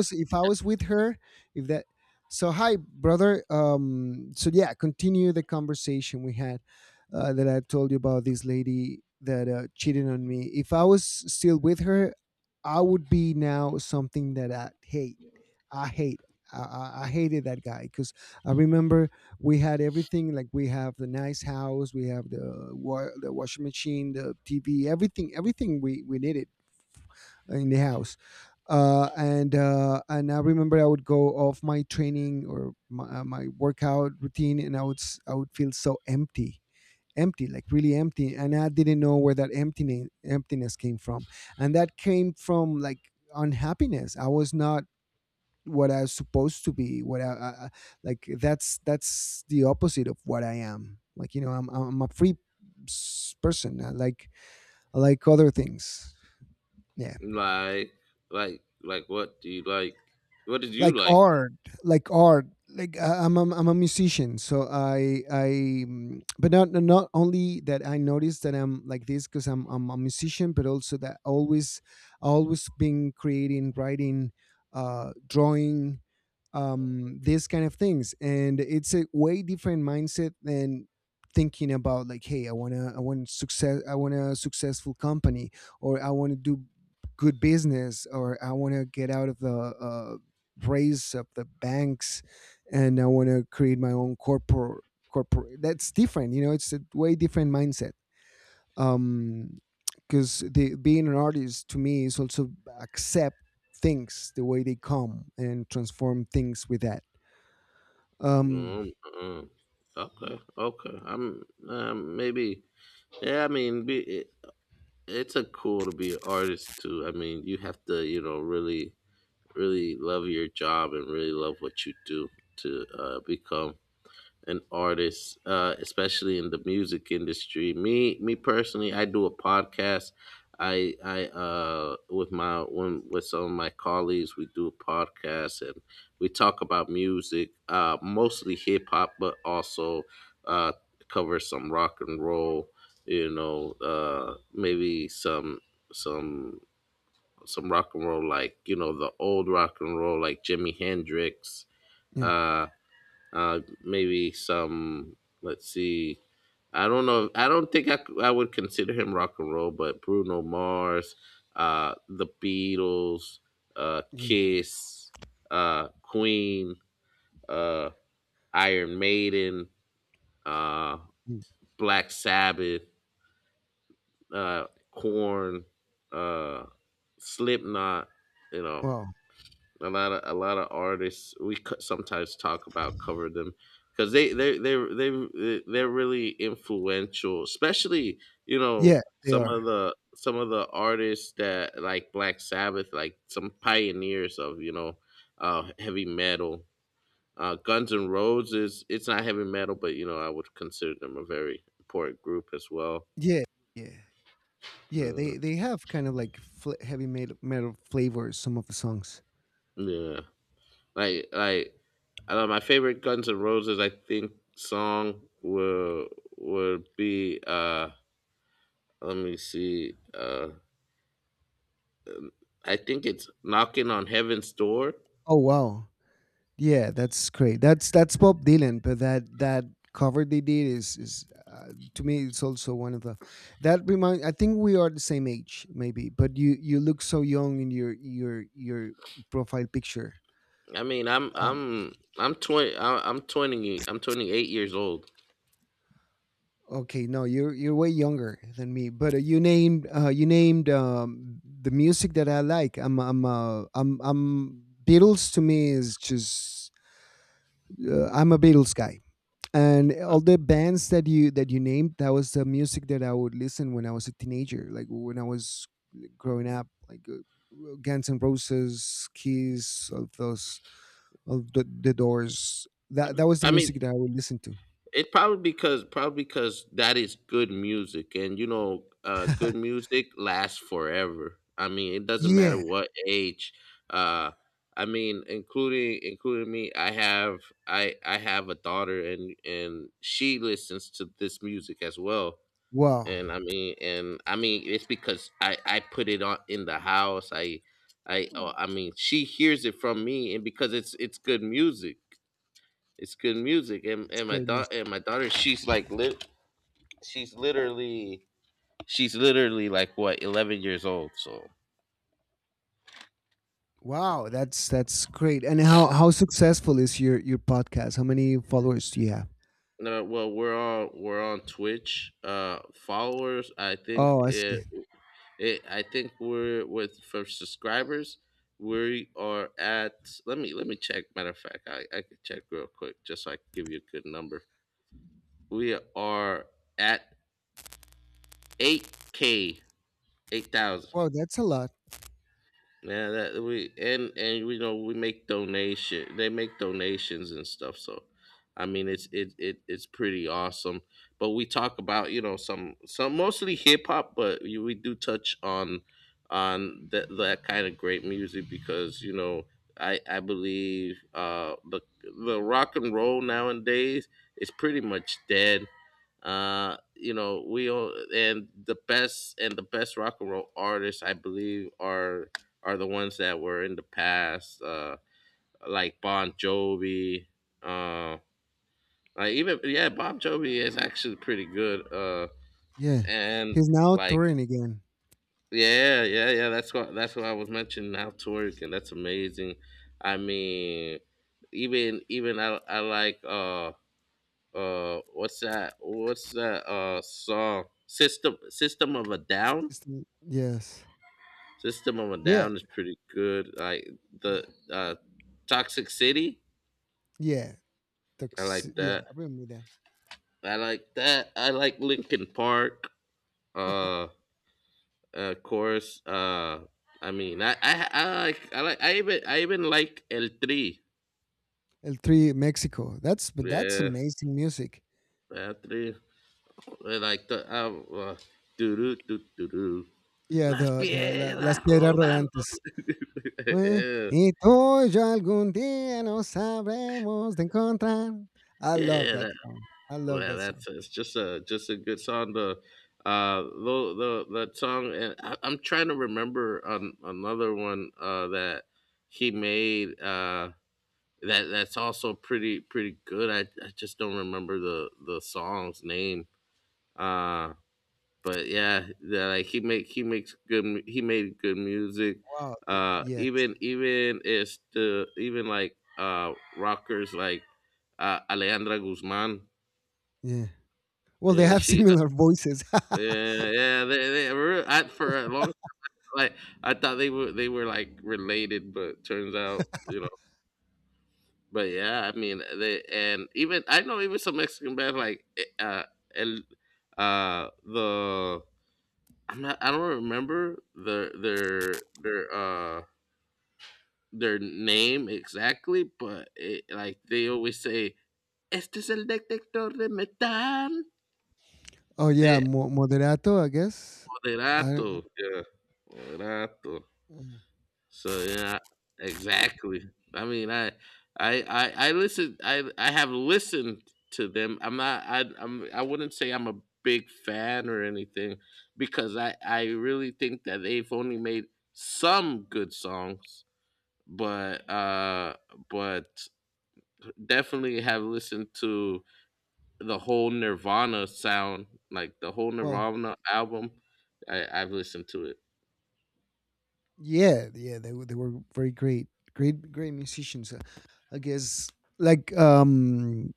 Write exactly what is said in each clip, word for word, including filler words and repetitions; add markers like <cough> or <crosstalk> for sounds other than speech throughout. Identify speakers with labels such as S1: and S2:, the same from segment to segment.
S1: Was if I was with her, if that so hi, brother. Um so yeah, continue the conversation we had uh, that I told you about, this lady that uh, cheated on me. If I was still with her, I would be now something that I hate. I hate. I, I I hated that guy because I remember we had everything, like we have the nice house, we have the wa- the washing machine, the T V, everything, everything we we needed in the house. Uh, and uh, and I remember I would go off my training or my, uh, my workout routine, and I would s- I would feel so empty, empty, like really empty, and I didn't know where that emptiness emptiness came from, and that came from like unhappiness. I was not what I was supposed to be. What I, I I- Like, that's that's the opposite of what I am. Like, you know, I'm I'm a free s- person. I like I like other things. Yeah.
S2: Like, like, like, what do you like? What did you
S1: like
S2: like?
S1: art like art. Like, I- I'm a, I'm a musician, so I I mm, but not not only that. I noticed that I'm like this because I'm I'm a musician, but also that always always been creating, writing, uh drawing, um these kind of things, and it's a way different mindset than thinking about like, hey, i want to I want success, I want a successful company, or I want to do good business, or I want to get out of the uh, race of the banks and I want to create my own corporate corporate. That's different, you know. It's a way different mindset. um because the being an artist, to me, is also accept things the way they come and transform things with that. um
S2: No, uh, okay, okay. I'm um, maybe. Yeah, I mean, be, it, it's a cool to be an artist too. I mean, you have to, you know, really, really love your job and really love what you do to uh, become and artists, uh, especially in the music industry. Me, me personally, I do a podcast. I, I, uh, with my one with some of my colleagues, we do a podcast, and we talk about music, uh, mostly hip hop, but also uh, cover some rock and roll. You know, uh, maybe some some some rock and roll, like, you know, the old rock and roll, like Jimi Hendrix.
S1: yeah.
S2: Uh, uh maybe some, let's see, I don't know, I don't think i, c- I would consider him rock and roll, but Bruno Mars, uh the Beatles, uh
S1: Yeah,
S2: Kiss, uh Queen, uh Iron Maiden, uh
S1: yeah.
S2: Black Sabbath, uh Corn, uh Slipknot, you know,
S1: Wow.
S2: a lot of a lot of artists we co- sometimes talk about, cover them, because they they they they they're really influential, especially, you know,
S1: Yeah, they
S2: some of
S1: are.
S2: the some of the artists that, like Black Sabbath, like some pioneers of, you know, uh heavy metal, uh Guns and Roses. It's not heavy metal, but, you know, I would consider them a very important group as well.
S1: Yeah. Yeah. Yeah,
S2: Mm,
S1: they they have kind of like fl- heavy metal, metal flavors, some of the songs.
S2: yeah, like like I know my favorite Guns N' Roses, I think, song will would be uh let me see. Uh I think it's "Knocking on Heaven's Door."
S1: Oh, wow. Yeah, that's great. That's that's Bob Dylan, but that that cover they did is is uh, to me it's also one of the that remind. I think we are the same age, maybe, but you you look so young in your your your profile picture.
S2: I mean, I'm
S1: Um,
S2: I'm I'm twenty, I- I'm twenty, I'm twenty eight years old.
S1: okay, no, you're you're way younger than me, but uh, you named, uh, you named um, the music that I like. I'm I'm uh, I'm I'm Beatles. To me is just uh, I'm a Beatles guy, and
S2: I,
S1: all the bands that you that you named, that was the music that I would listen when I was a teenager, like when I was, like, growing up, like uh, Guns and Roses, Kiss, all those, all the, the Doors. That that was
S2: I
S1: the
S2: mean,
S1: music that I would listen to.
S2: it probably, because probably because that is good music, and, you know, uh, good music lasts forever. I mean, it doesn't matter
S1: Yeah.
S2: what age. Uh, I mean, including including me, I have I I have a daughter, and and she listens to this music as well.
S1: Wow.
S2: And I mean, and I mean, it's because I I put it on in the house. I I oh, I mean, she hears it from me, and because it's it's good music, it's good music and,
S1: It's
S2: and my
S1: great
S2: daughter —
S1: music.
S2: and my daughter she's like lit she's literally she's literally, like, what, eleven years old, so.
S1: Wow, that's that's great. And how how successful is your your podcast? How many followers do you have?
S2: No, well, we're on we're on Twitch. Uh followers, I think,
S1: Oh, I
S2: it,
S1: see.
S2: it I think we're with, for subscribers we are at, let me let me check. Matter of fact, i i could check real quick, just so I can give you a good number. We are at eight K, eight thousand.
S1: Wow, that's a lot.
S2: Yeah, that, we and and we know we make donation. They make donations and stuff. So, I mean, it's it, it it's pretty awesome. But we talk about, you know, some, some mostly hip hop, but, you- we do touch on, on that that kind of great music, because, you know, I I believe, uh the the rock and roll nowadays is pretty much dead. Uh, you know, we all and the best, and the best rock and roll artists, I believe, are are the ones that were in the past, uh, like Bon Jovi. Uh, like, even, yeah, Bob Jovi is actually pretty good. Uh,
S1: Yeah,
S2: and,
S1: he's now
S2: like,
S1: touring again.
S2: yeah, yeah, yeah. That's what that's what I was mentioning. How to work, and that's amazing. I mean, even even I I like uh uh what's that what's that uh song — system, System of a Down.
S1: He's- yes.
S2: System of a
S1: Yeah.
S2: Down is pretty good. Like, the uh, Toxic City.
S1: Yeah,
S2: I
S1: Tox,
S2: like
S1: yeah,
S2: that.
S1: I remember that.
S2: I like that. I like Linkin Park. Uh, of course. Uh, I mean, I, I, I like, I like, I even, I even like El Tri.
S1: El Tri Mexico. That's, but that's
S2: Yeah,
S1: amazing music.
S2: El Tri. I like the, um, uh, do do do do do.
S1: Yeah,
S2: Las
S1: the the la Las
S2: piedras
S1: Piedras
S2: rodando.
S1: Rodantes.
S2: <laughs>
S1: Fue
S2: Yeah,
S1: y tú y yo algún día nos sabremos de encontrar. I love that
S2: yeah,
S1: song. I love
S2: well,
S1: that song.
S2: that's it's just a just a good song. The uh, the, the that song, and I, I'm trying to remember an, another one, uh, that he made, uh, that that's also pretty pretty good. I, I just don't remember the the song's name. Uh, but yeah, that, like, he make he makes good mu- he made good music.
S1: Wow. uh,
S2: Uh,
S1: Yes.
S2: even even it's the, even, like, uh rockers, like, uh, Alejandra Guzman.
S1: Yeah. Well, they
S2: Yeah,
S1: have
S2: she
S1: similar voices.
S2: yeah, yeah, they, they were at for a long, like, I thought they were they were like related, but turns out, you know. But yeah, I mean, they, and even I know, even some Mexican bands, like eh, uh El, uh the, I'm not I don't remember the their their uh their name exactly, but, it, like, they always say, "Este es el detector de metal."
S1: <laughs> Oh yeah,
S2: De
S1: Mo Moderato, I guess. I
S2: Moderato, yeah, Moderato.
S1: uh,
S2: So yeah, exactly. I mean, I, I, I, I listen. I, I have listened to them. I'm not. I, I'm. I wouldn't say I'm a big fan or anything, because I, I really think that they've only made some good songs, but, uh, but definitely have listened to the whole Nirvana sound, like the whole
S1: well,
S2: Nirvana album. I, I've listened to it.
S1: yeah, yeah, they were, they were very great, great, great musicians. uh, I guess, like, um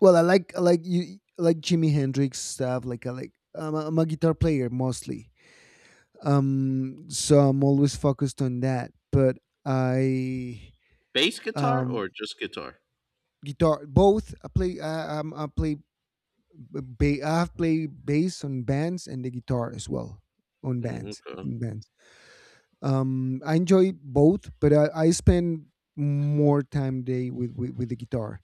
S1: well, I like, I like you I like Jimi Hendrix stuff. Like, I like, I'm a, I'm a guitar player mostly, um, so I'm always focused on that. But I
S2: Bass guitar,
S1: um
S2: or just guitar?
S1: guitar both. I play I um, I play ba- I have played bass on bands and the guitar as well, on
S2: Mm,
S1: bands
S2: okay.
S1: in bands. Um, I enjoy both, but I, I spend more time day with, with with the guitar.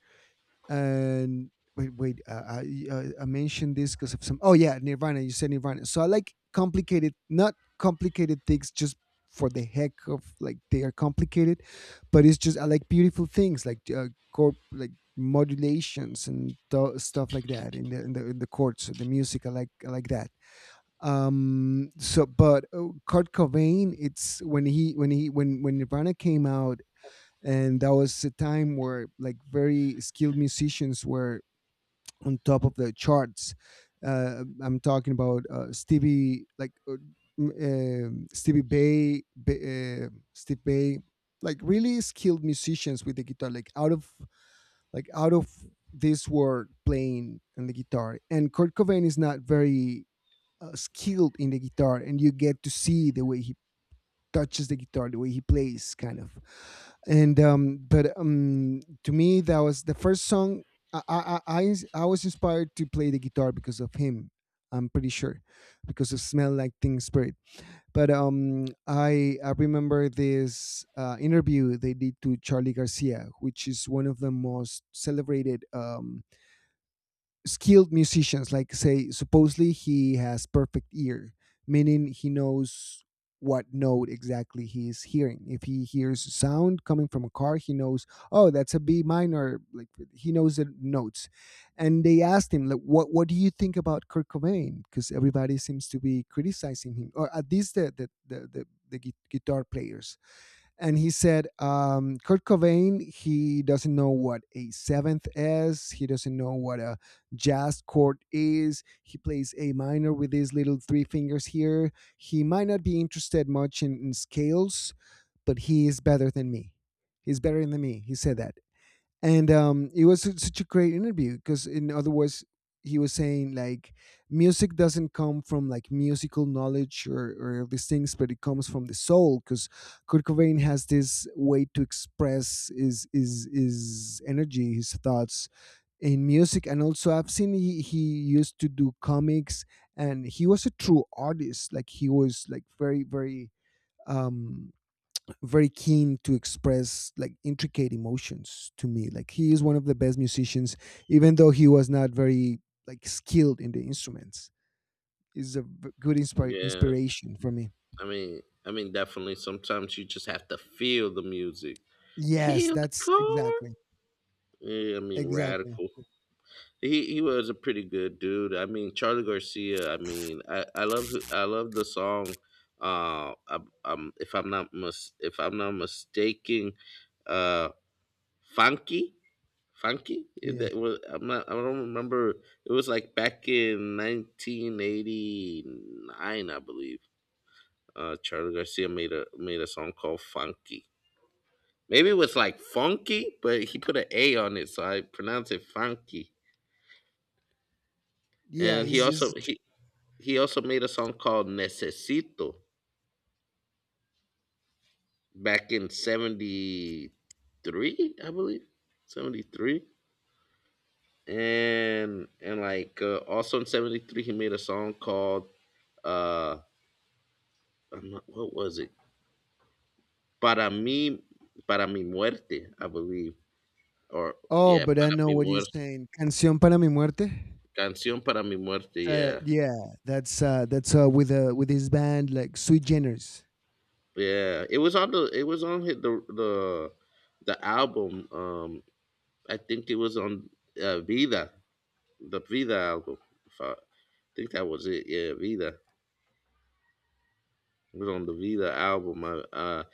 S1: And wait, wait. Uh, I uh, I mentioned this because of some. Oh yeah, Nirvana. You said Nirvana. So I like complicated, not complicated things just for the heck of, like, they are complicated, but it's just I like beautiful things, like uh, chord, like modulations and th- stuff like that in the in the in the chords, the music. I like I like that. Um. So, but uh, Kurt Cobain, it's when he when he when when Nirvana came out, and that was a time where, like, very skilled musicians were on top of the charts. Uh, I'm talking about uh, Stevie, like, uh, um, Stevie Bay, Ba- uh, Steve Bay, like really skilled musicians with the guitar, like out of like out of this world playing and the guitar. And Kurt Cobain is not very uh, skilled in the guitar, and you get to see the way he touches the guitar, the way he plays, kind of. And um, but um, To me, that was the first song. I I I, I I was inspired to play the guitar because of him. I'm pretty sure because of Smell Like Teen Spirit. But um, I I remember this uh, interview they did to Charlie Garcia, which is one of the most celebrated, um, skilled musicians. Like, say, supposedly he has perfect ear, meaning he knows what note exactly he is hearing. If he hears sound coming from a car, he knows, oh, that's a B minor. Like, he knows the notes. And they asked him, like, what what do you think about Kurt Cobain, because everybody seems to be criticizing him, or at least the the the, the, the gui- guitar players. And he said, um, Kurt Cobain, he doesn't know what a seventh is. He doesn't know what a jazz chord is. He plays A minor with his little three fingers here. He might not be interested much in, in scales, but he is better than me. He's better than me. He said that, and um, it was su- such a great interview, because in other words he was saying, like, music doesn't come from like musical knowledge or, or these things, but it comes from the soul, because Kurt Cobain has this way to express his, his his energy, his thoughts in music. And also, I've seen he, he used to do comics, and he was a true artist. Like, he was like very very um very keen to express, like, intricate emotions. To me, like, he is one of the best musicians, even though he was not very, like, skilled in the instruments. Is a v- good inspir-
S2: Yeah.
S1: inspiration for me.
S2: I mean, I mean, definitely. Sometimes you just have to feel the music,
S1: Yes,
S2: feel the
S1: that's
S2: car.
S1: exactly,
S2: Yeah, I mean,
S1: exactly.
S2: radical. He he was a pretty good dude. I mean, Charlie Garcia. I mean, I I love I love the song. Uh, I, um, if I'm not mis- if I'm not mistaken, uh, funky, funky. It-
S1: Yeah,
S2: That was, I'm not, I don't remember. It was like back in nineteen eighty-nine, I believe. Uh, Charlie Garcia made a made a song called Funky. Maybe it was like funky, but he put an A on it, so I pronounce it funky.
S1: yeah.
S2: And he
S1: Is is
S2: also he he also made a song called Necesito back in seventy three, I believe, seventy three. And and, like, uh, also in seventy three, he made a song called, uh I'm not, what was it? Para mi Para mi muerte, I believe, or,
S1: oh,
S2: yeah,
S1: but I
S2: para
S1: know
S2: mi
S1: what you're
S2: muerte.
S1: saying. Canción para mi muerte.
S2: Canción para mi muerte.
S1: Uh,
S2: Yeah,
S1: yeah, that's uh, that's uh, with uh, with his band, like Sweet Generous.
S2: yeah. It was on the. It was on hit the the the album. Um, I think it was on uh, Vida, the Vida album. If I, I think that was it. Yeah, Vida. It was on the Vita album. I, uh,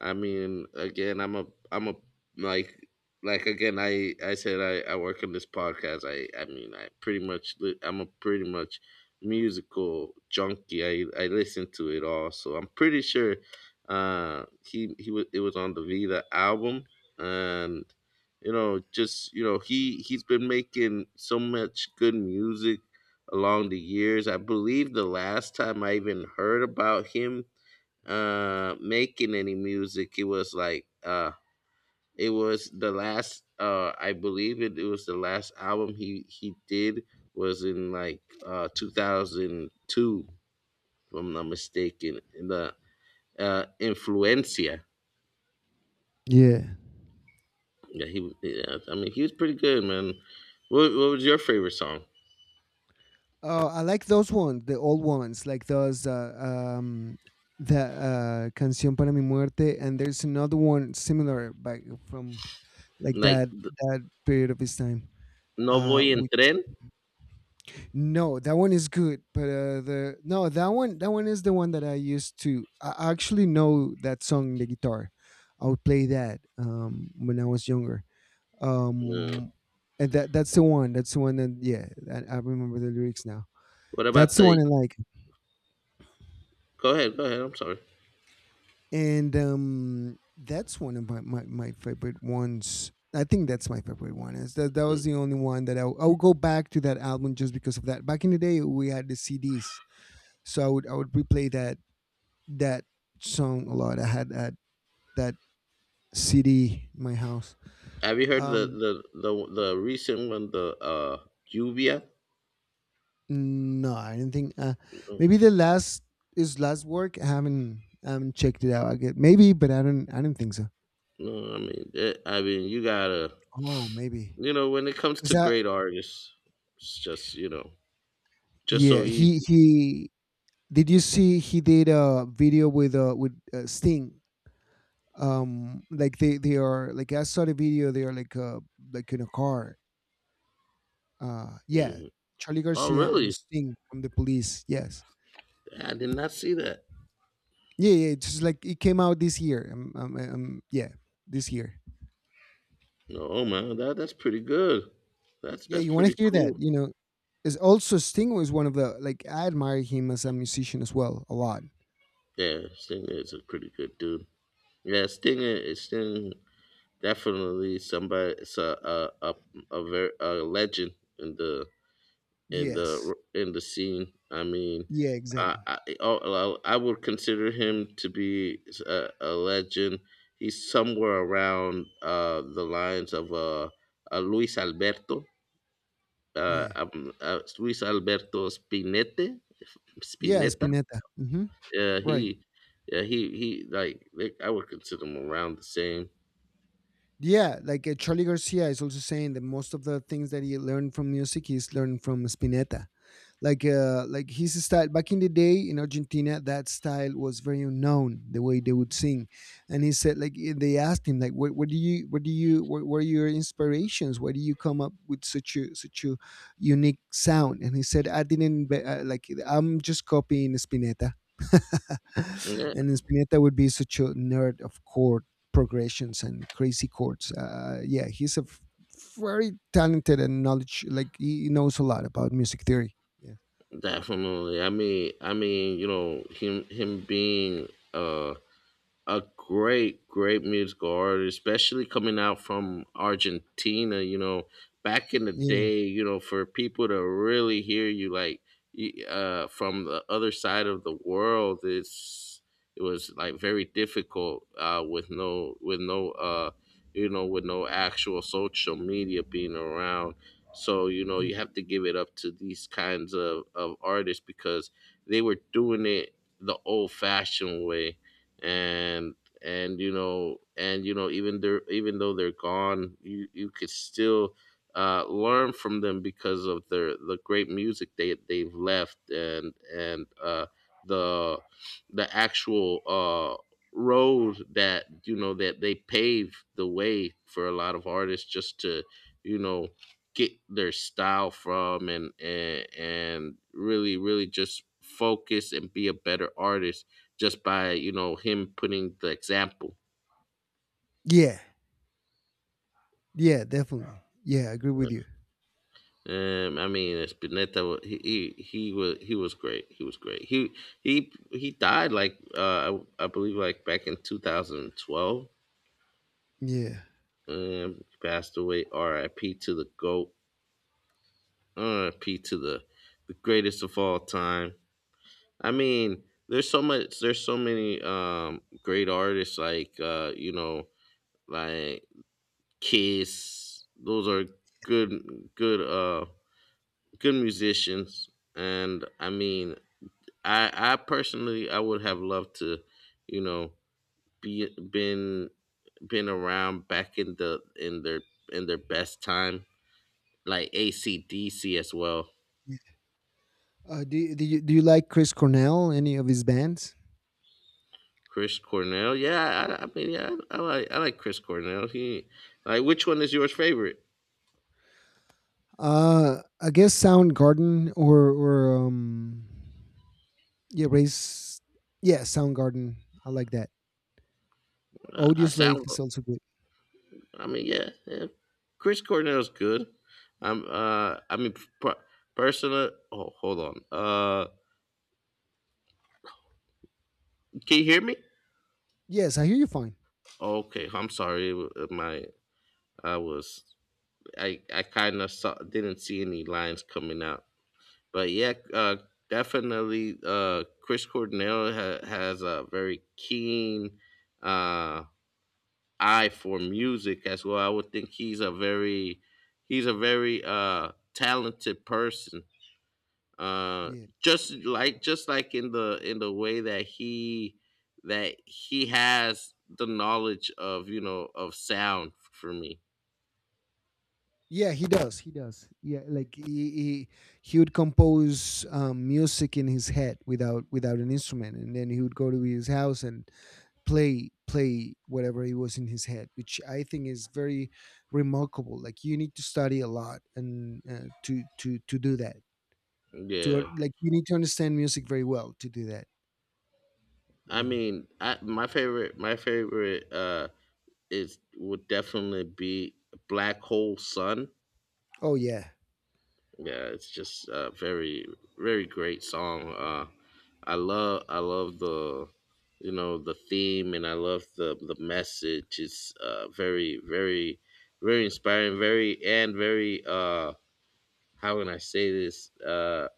S2: I mean, again, I'm a, I'm a like, like again, I, I said, I, I work on this podcast. I, I mean, I pretty much, li- I'm a pretty much musical junkie. I, I listen to it all, so I'm pretty sure, uh, he, he was, it was on the Vita album, and, you know, just, you know, he, he's been making so much good music along the years. I believe the last time I even heard about him uh making any music, it was like, uh it was the last, uh I believe, it, it was the last album he he did, was in, like, uh two thousand two, if I'm not mistaken. The, uh Influencia.
S1: Yeah.
S2: Yeah, he yeah, I mean, he was pretty good, man. what, what was your favorite song?
S1: Oh, I like those ones, the old ones, like those, uh, um, the uh, Canción para mi muerte, and there's another one similar by from like
S2: Like,
S1: that, that period of his time.
S2: "No
S1: Uh,
S2: voy en
S1: which
S2: tren."
S1: No, that one is good, but uh, the no, that one that one is the one that I used to. I actually know that song, in the guitar. I would play that um, when I was younger.
S2: No.
S1: Um, and that that's the one. That's the one that, yeah, I, I remember the lyrics now.
S2: What about
S1: That's the one
S2: the,
S1: I like.
S2: go ahead, go ahead, I'm sorry.
S1: And um, that's one of my, my, my favorite ones. I think that's my favorite one. Is that that
S2: Mm.
S1: was the only one that I w- I would go back to that album just because of that. Back in the day, we had the C Ds, so I would I would replay that that song a lot. I had that that C D in my house.
S2: Have you heard the
S1: Um,
S2: the the, the recent one, the uh "Lluvia"?
S1: no, I do not think. Uh, maybe
S2: No.
S1: the last is last work. I haven't I haven't checked it out. I get maybe, but I don't I don't think so.
S2: No, I mean, that, I mean, you gotta,
S1: Oh, maybe
S2: you know, when it comes
S1: because
S2: to
S1: that,
S2: great artists, it's just, you know, just so
S1: yeah,
S2: easy.
S1: he he did you see he did a video with uh with uh, Sting? Um, like they they are, like, I saw the video. They are like, uh like, in a car. Uh, yeah,
S2: Mhm.
S1: Charlie
S2: Oh,
S1: Garcia and
S2: really?
S1: Sting from the Police. Yes,
S2: I did not see that.
S1: yeah, yeah. It's just like it came out this year. Um, um, um yeah, this year.
S2: No, oh man, that that's pretty good. That's
S1: Yeah,
S2: that's
S1: you want to
S2: pretty
S1: hear that?
S2: cool.
S1: You know, is also Sting was one of the, like, I admire him as a musician as well a lot.
S2: Yeah, Stinger is a pretty good dude. Yeah, Stinger is Stinger definitely somebody. It's a a a, a, ver, a legend in the in
S1: Yes.
S2: the in the scene. I mean,
S1: Yeah.
S2: I
S1: Exactly.
S2: I, oh, I I would consider him to be a, a legend. He's somewhere around, uh, the lines of, uh, uh, Luis Alberto, uh,
S1: Yeah.
S2: um, uh, Luis Alberto Spinete,
S1: Yeah.
S2: Spinetta.
S1: Spinetta. Hmm.
S2: Uh,
S1: Right.
S2: he, yeah, he, he, like, like, I would consider him around the same.
S1: Yeah, like uh, Charlie Garcia is also saying that most of the things that he learned from music, he's learned from Spinetta. Like, uh, like, his style back in the day in Argentina, that style was very unknown. The way they would sing, and he said, like, eh, they asked him, like, what, what do you, what do you, what were your inspirations? Why do you come up with such a such a unique sound? And he said, I didn't, inve- uh, like, I'm just copying Spinetta. <laughs>
S2: Yeah,
S1: And Spinetta would be such a nerd of chord progressions and crazy chords. Uh, yeah, he's a f- very talented and knowledge like he knows a lot about music theory. Yeah,
S2: definitely. I mean, I mean, you know, him, him being uh a great, great musical artist, especially coming out from Argentina. You know, back in the
S1: yeah,
S2: day, you know, for people to really hear you, like, y- uh, from the other side of the world, it's it was like very difficult, uh, with no with no uh, you know, with no actual social media being around. So you know
S1: Mm.
S2: you have to give it up to these kinds of, of artists, because they were doing it the old fashioned way, and and you know, and you know even they even though they're gone, you you could still, uh, learn from them because of their the great music they they've left, and and uh, the, the actual, uh, road that, you know, that they paved the way for a lot of artists, just to, you know, get their style from, and and, and really, really just focus and be a better artist, just by, you know, him putting the example.
S1: yeah, yeah, definitely. Yeah. Yeah, I agree with you.
S2: Um, I mean, Spinetta, he, he he was he was great. He was great. He he he died like uh, I, I believe like back in twenty twelve.
S1: Yeah.
S2: Um, he passed away. R I P to the goat. R I P to the the greatest of all time. I mean, there's so much. There's so many um great artists like uh you know like Kiss. Those are good good uh good musicians. And I mean, i i personally, I would have loved to you know be been been around back in the in their in their best time, like A C D C as well.
S1: Yeah. Uh, do do you do you like Chris Cornell? Any of his bands?
S2: Chris Cornell, yeah i, I mean, yeah I, like i like Chris Cornell. He Like, which one is yours favorite?
S1: Uh, I guess Soundgarden or or um, yeah, Race. Yeah, Soundgarden. I like that.
S2: uh, i
S1: Audioslave
S2: sound
S1: is also good.
S2: I mean, yeah, yeah, Chris Cornell's good. I'm uh I mean, per- personal— oh, hold on. Uh can you hear me?
S1: Yes, I hear you fine.
S2: Okay, I'm sorry. uh, My— I was— I I kind of saw didn't see any lines coming out, but yeah, uh, definitely. Uh, Chris Cornell ha- has a very keen uh eye for music as well. I would think he's a very— he's a very uh talented person. Uh,
S1: Yeah.
S2: just like— just like in the— in the way that he— that he has the knowledge of, you know, of sound for me.
S1: Yeah, he does. He does. Yeah, like he he, he would compose um, music in his head without without an instrument, and then he would go to his house and play play whatever it was in his head, which I think is very remarkable. Like you need to study a lot and uh, to to to do that. To uh,
S2: Yeah.
S1: like you need to understand music very well to do that.
S2: I
S1: Yeah.
S2: mean, I my favorite my favorite uh is— would definitely be Black Hole Sun.
S1: Oh yeah.
S2: Yeah, it's just a very— very great song. Uh I love— I love the, you know, the theme, and I love the the message. It's uh very very very inspiring, very— and very uh how can I say this? Uh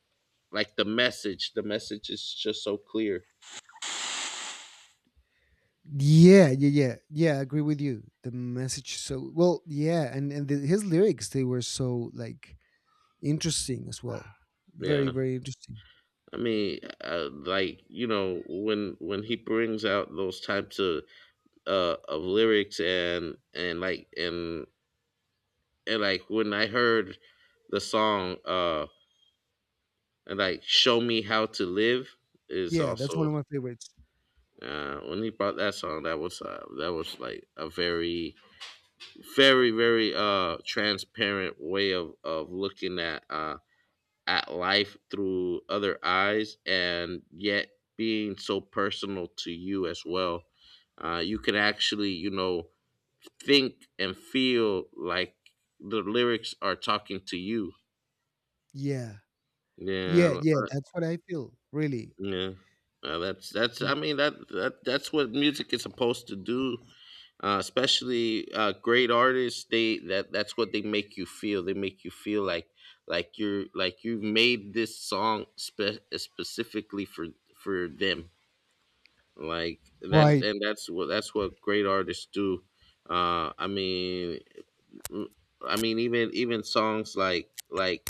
S2: Like the message, the message is just so clear.
S1: Yeah, yeah, yeah, yeah. I agree with you. The message, so well, yeah, and and the, his lyrics they were so like interesting as well. Very,
S2: Yeah.
S1: very interesting.
S2: I mean, uh, like, you know, when— when he brings out those types of uh, of lyrics, and and like and and like when I heard the song, uh and like "Show Me How to Live" is
S1: Yeah, that's one
S2: also—
S1: of my favorites.
S2: uh, when he brought that song, that was uh, that was like a very very very uh transparent way of— of looking at uh at life through other eyes, and yet being so personal to you as well. Uh, you can actually, you know, think and feel like the lyrics are talking to you.
S1: Yeah, yeah,
S2: Yeah,
S1: yeah. That's what I feel really.
S2: yeah. Uh, that's— that's. I mean, that that that's what music is supposed to do, uh, especially uh, great artists, they that— that's what they make you feel. They make you feel like— like you're— like you've made this song spe- specifically for— for them. Like, that's
S1: Right.
S2: and that's what that's what great artists do. uh i mean mm, I mean, even— even songs like— like,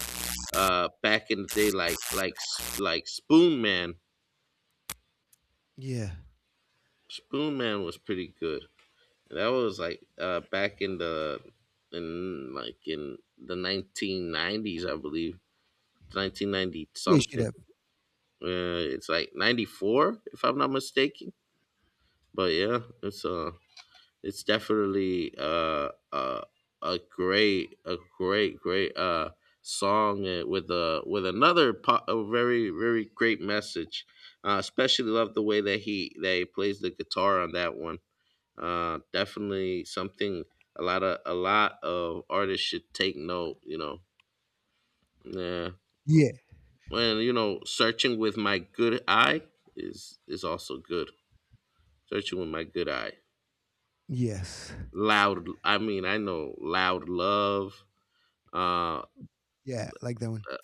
S2: uh back in the day, like— like S- like spoon man
S1: Yeah.
S2: spoon man was pretty good. That was like uh, back in the— in like in the nineteen nineties, I believe. nineteen ninety
S1: Yeah. Should
S2: something.
S1: up.
S2: Uh, it's like ninety-four, if I'm not mistaken. But yeah, it's uh it's definitely uh, uh a great— a great great uh song uh, with a— with another po- a very very great message. Uh, especially love the way that he— that he plays the guitar on that one. Uh, definitely something a lot of a lot of artists should take note, you know. Yeah.
S1: Yeah.
S2: Well, you know, "Searching with My Good Eye" is— is also good. Searching with my good eye.
S1: Yes.
S2: Loud. I mean, I know Loud Love. Uh,
S1: Yeah. Like that one.
S2: uh,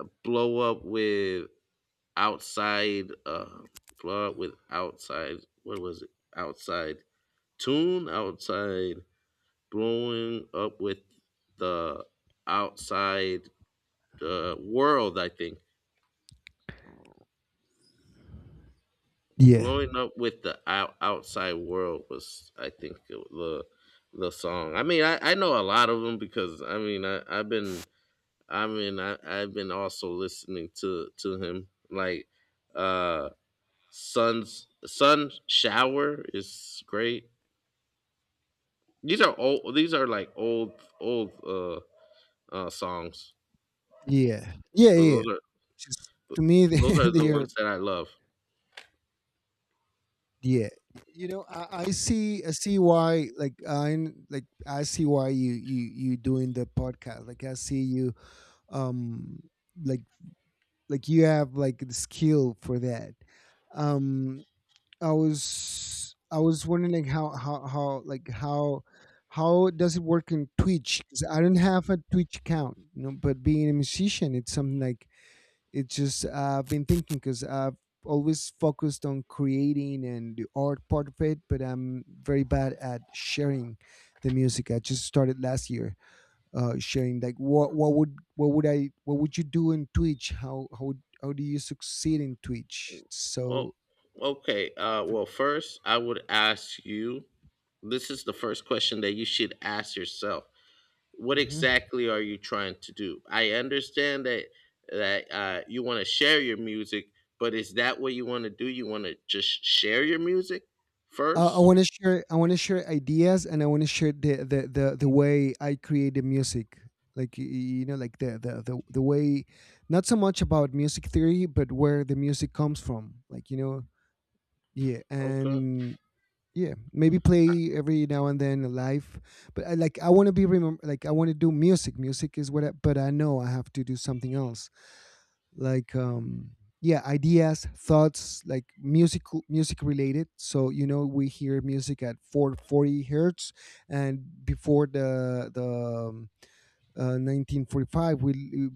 S2: uh, Blow up with outside. Uh, blow up with outside. What was it? Outside tune. Outside blowing up with the outside— the world, I think.
S1: Yeah.
S2: Blowing up with the out, outside world was, I think, the— the song. I mean, I, I know a lot of them because, I mean, I I've been I mean, I I've been also listening to— to him, like, uh Sun's— Sun Shower is great. These are old. These are like old old uh uh songs,
S1: Yeah. Yeah.
S2: but
S1: Yeah.
S2: those
S1: yeah.
S2: are—
S1: Just to me, <laughs> they,
S2: those are the
S1: they
S2: ones
S1: are
S2: that I love.
S1: Yeah, you know, I, I see, I see why. Like, I like, I see why you you you doing the podcast. Like, I see you, um, like like you have like the skill for that. Um, I was I was wondering like how how how like how how does it work in Twitch? Because I don't have a Twitch account, you know. But being a musician, it's something like it's just I've been thinking because I've always focused on creating and the art part of it, but I'm very bad at sharing the music. I just started last year uh, sharing like what what would what would I what would you do in Twitch? How how would- how do you succeed in Twitch?
S2: Oh,
S1: So.
S2: okay. Uh, well, first, I would ask you— this is the first question that you should ask yourself. What
S1: Mhm.
S2: exactly are you trying to do? I understand that that uh, you want to share your music, but is that what you want to do? You want to just share your music
S1: Uh, I
S2: first?
S1: want to share. I want to share ideas, and I want to share the, the the the way I create the music. Like y- y- you know, like the, the the the way, not so much about music theory, but where the music comes from. Like you know, yeah,
S2: Okay.
S1: and yeah, maybe play every now and then live. But I, like, I want to be remember. Like, I want to do music. Music is what. I, but I know I have to do something else like um yeah ideas thoughts like music music related, so you know we hear music at four forty hertz, and before the the um, uh, nineteen forty-five we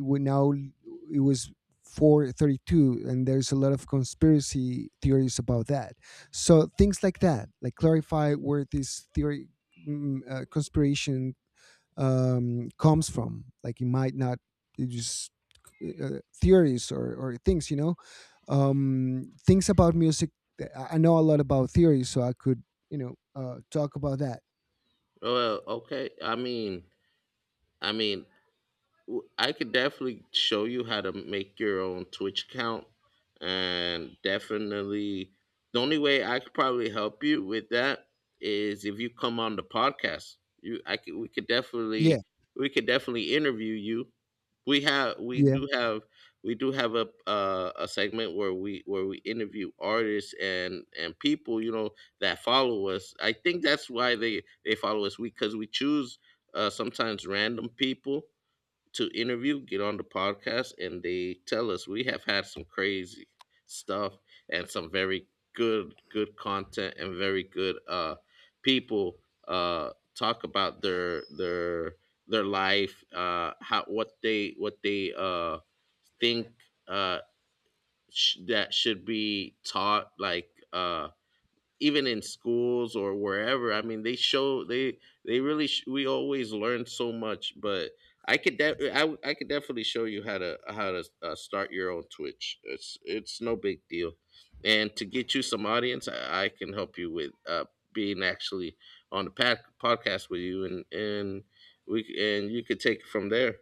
S1: we now it was four thirty-two, and there's a lot of conspiracy theories about that. So things like that, like clarify where this theory mm, uh, conspiration um, comes from. Like it might not, it just uh, theories or, or things, you know, um, things about music. I I know a lot about theory, so I could, you know, uh, talk about that.
S2: Well, okay. I mean, I mean, w- I could definitely show you how to make your own Twitch account, and definitely the only way I could probably help you with that is if you come on the podcast. You— I could— we could
S1: Yeah,
S2: definitely— we could definitely interview you. We have— we
S1: yeah,
S2: do have— we do have a uh, a segment where we— where we interview artists and and people, you know, that follow us. I think that's why they— they follow us. We— because we choose, uh, sometimes, random people to interview, get on the podcast, and they tell us. We have had some crazy stuff and some very good, good content and very good uh, people uh, talk about their their their life, uh, how— what they— what they uh, think uh, sh- that should be taught, like. Uh, even in schools or wherever. I mean, they show— they— they really sh- we always learn so much. But I could de- I— w- I could definitely show you how to— how to uh, start your own Twitch. It's— it's no big deal. And to get you some audience, i, I can help you with uh, being actually on the pad- podcast with you, and— and we c- and you could take it from there.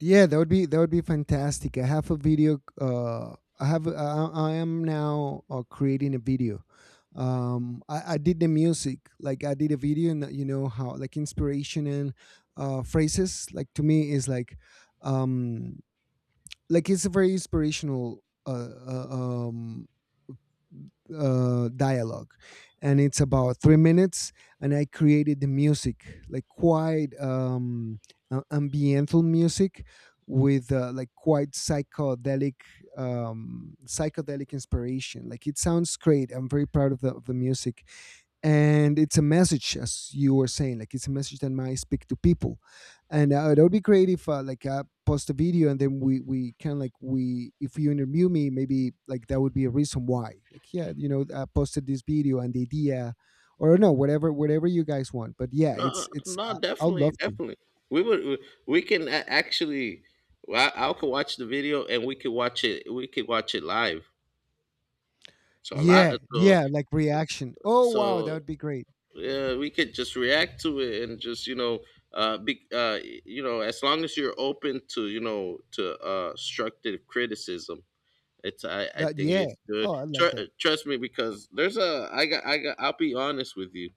S1: yeah. That would be that would be fantastic. I have a video. Uh, I have. I, I am now uh, creating a video. Um, I, I did the music. Like I did a video, and you know how like inspiration and uh, phrases. Like to me is like um like it's a very inspirational uh, uh, um, uh, dialogue, and it's about three minutes. And I created the music, like quite um, uh, ambiental music with uh, like quite psychedelic um psychedelic inspiration. Like it sounds great. I'm very proud of the, of the music, and it's a message, as you were saying, like it's a message that might speak to people, and uh, that would be great if uh, like I post a video, and then we we kind of like we if you interview me, maybe like that would be a reason why. Like yeah, you know, I posted this video and the idea, or no, whatever whatever you guys want. But yeah,
S2: No,
S1: it's it's
S2: no,
S1: uh, I'll
S2: definitely,
S1: love to.
S2: definitely. We would— we can a- actually— I— I could watch the video, and we could watch it. We could watch it live. So a lot.
S1: Yeah,
S2: So
S1: yeah, like reaction. Oh wow, that
S2: so
S1: would be great.
S2: yeah, we could just react to it, and just, you know, uh, be, uh, you know, as long as you're open to, you know, to uh, constructive criticism. It's— I, I
S1: That,
S2: think
S1: yeah.
S2: it's good.
S1: Oh, I like that.
S2: Tr- trust me, because there's a— I got I got— I'll be honest with you: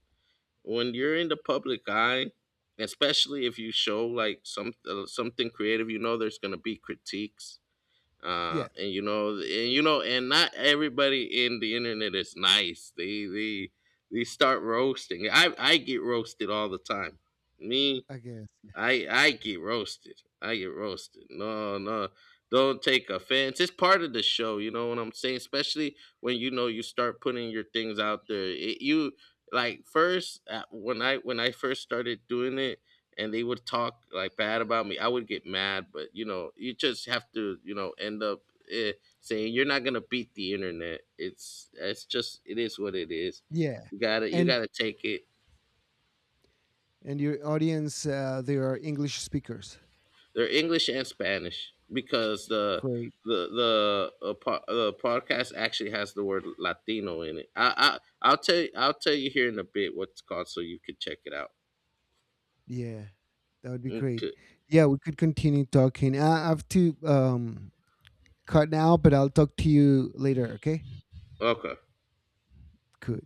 S2: when you're in the public eye, especially if you show like some uh, something creative, you know there's gonna be critiques, uh,
S1: Yeah,
S2: and, you know, and, you know, and not everybody in the internet is nice. They they they start roasting. I I get roasted all the time. Me—
S1: I guess.
S2: I I get roasted. I get roasted. No, no. Don't take offense. It's part of the show, you know what I'm saying? Especially when, you know, you start putting your things out there. It— you— like first, uh, when I when I first started doing it, and they would talk like bad about me, I would get mad. But, you know, you just have to, you know, end up eh, saying you're not going to beat the internet. It's— it's just— it is what it is.
S1: Yeah,
S2: You got to— you
S1: and
S2: got to take it.
S1: and your audience, uh, they are english speakers?
S2: They're English and Spanish, because the—
S1: Great.
S2: the— the uh, po- the podcast actually has the word Latino in it. I, I I'll tell you— I'll tell you here in a bit what's called, so you can check it out.
S1: Yeah. That would be great.
S2: Okay.
S1: Yeah, we could continue talking. I I have to um cut now, but I'll talk to you later, okay?
S2: Okay.
S1: Cool.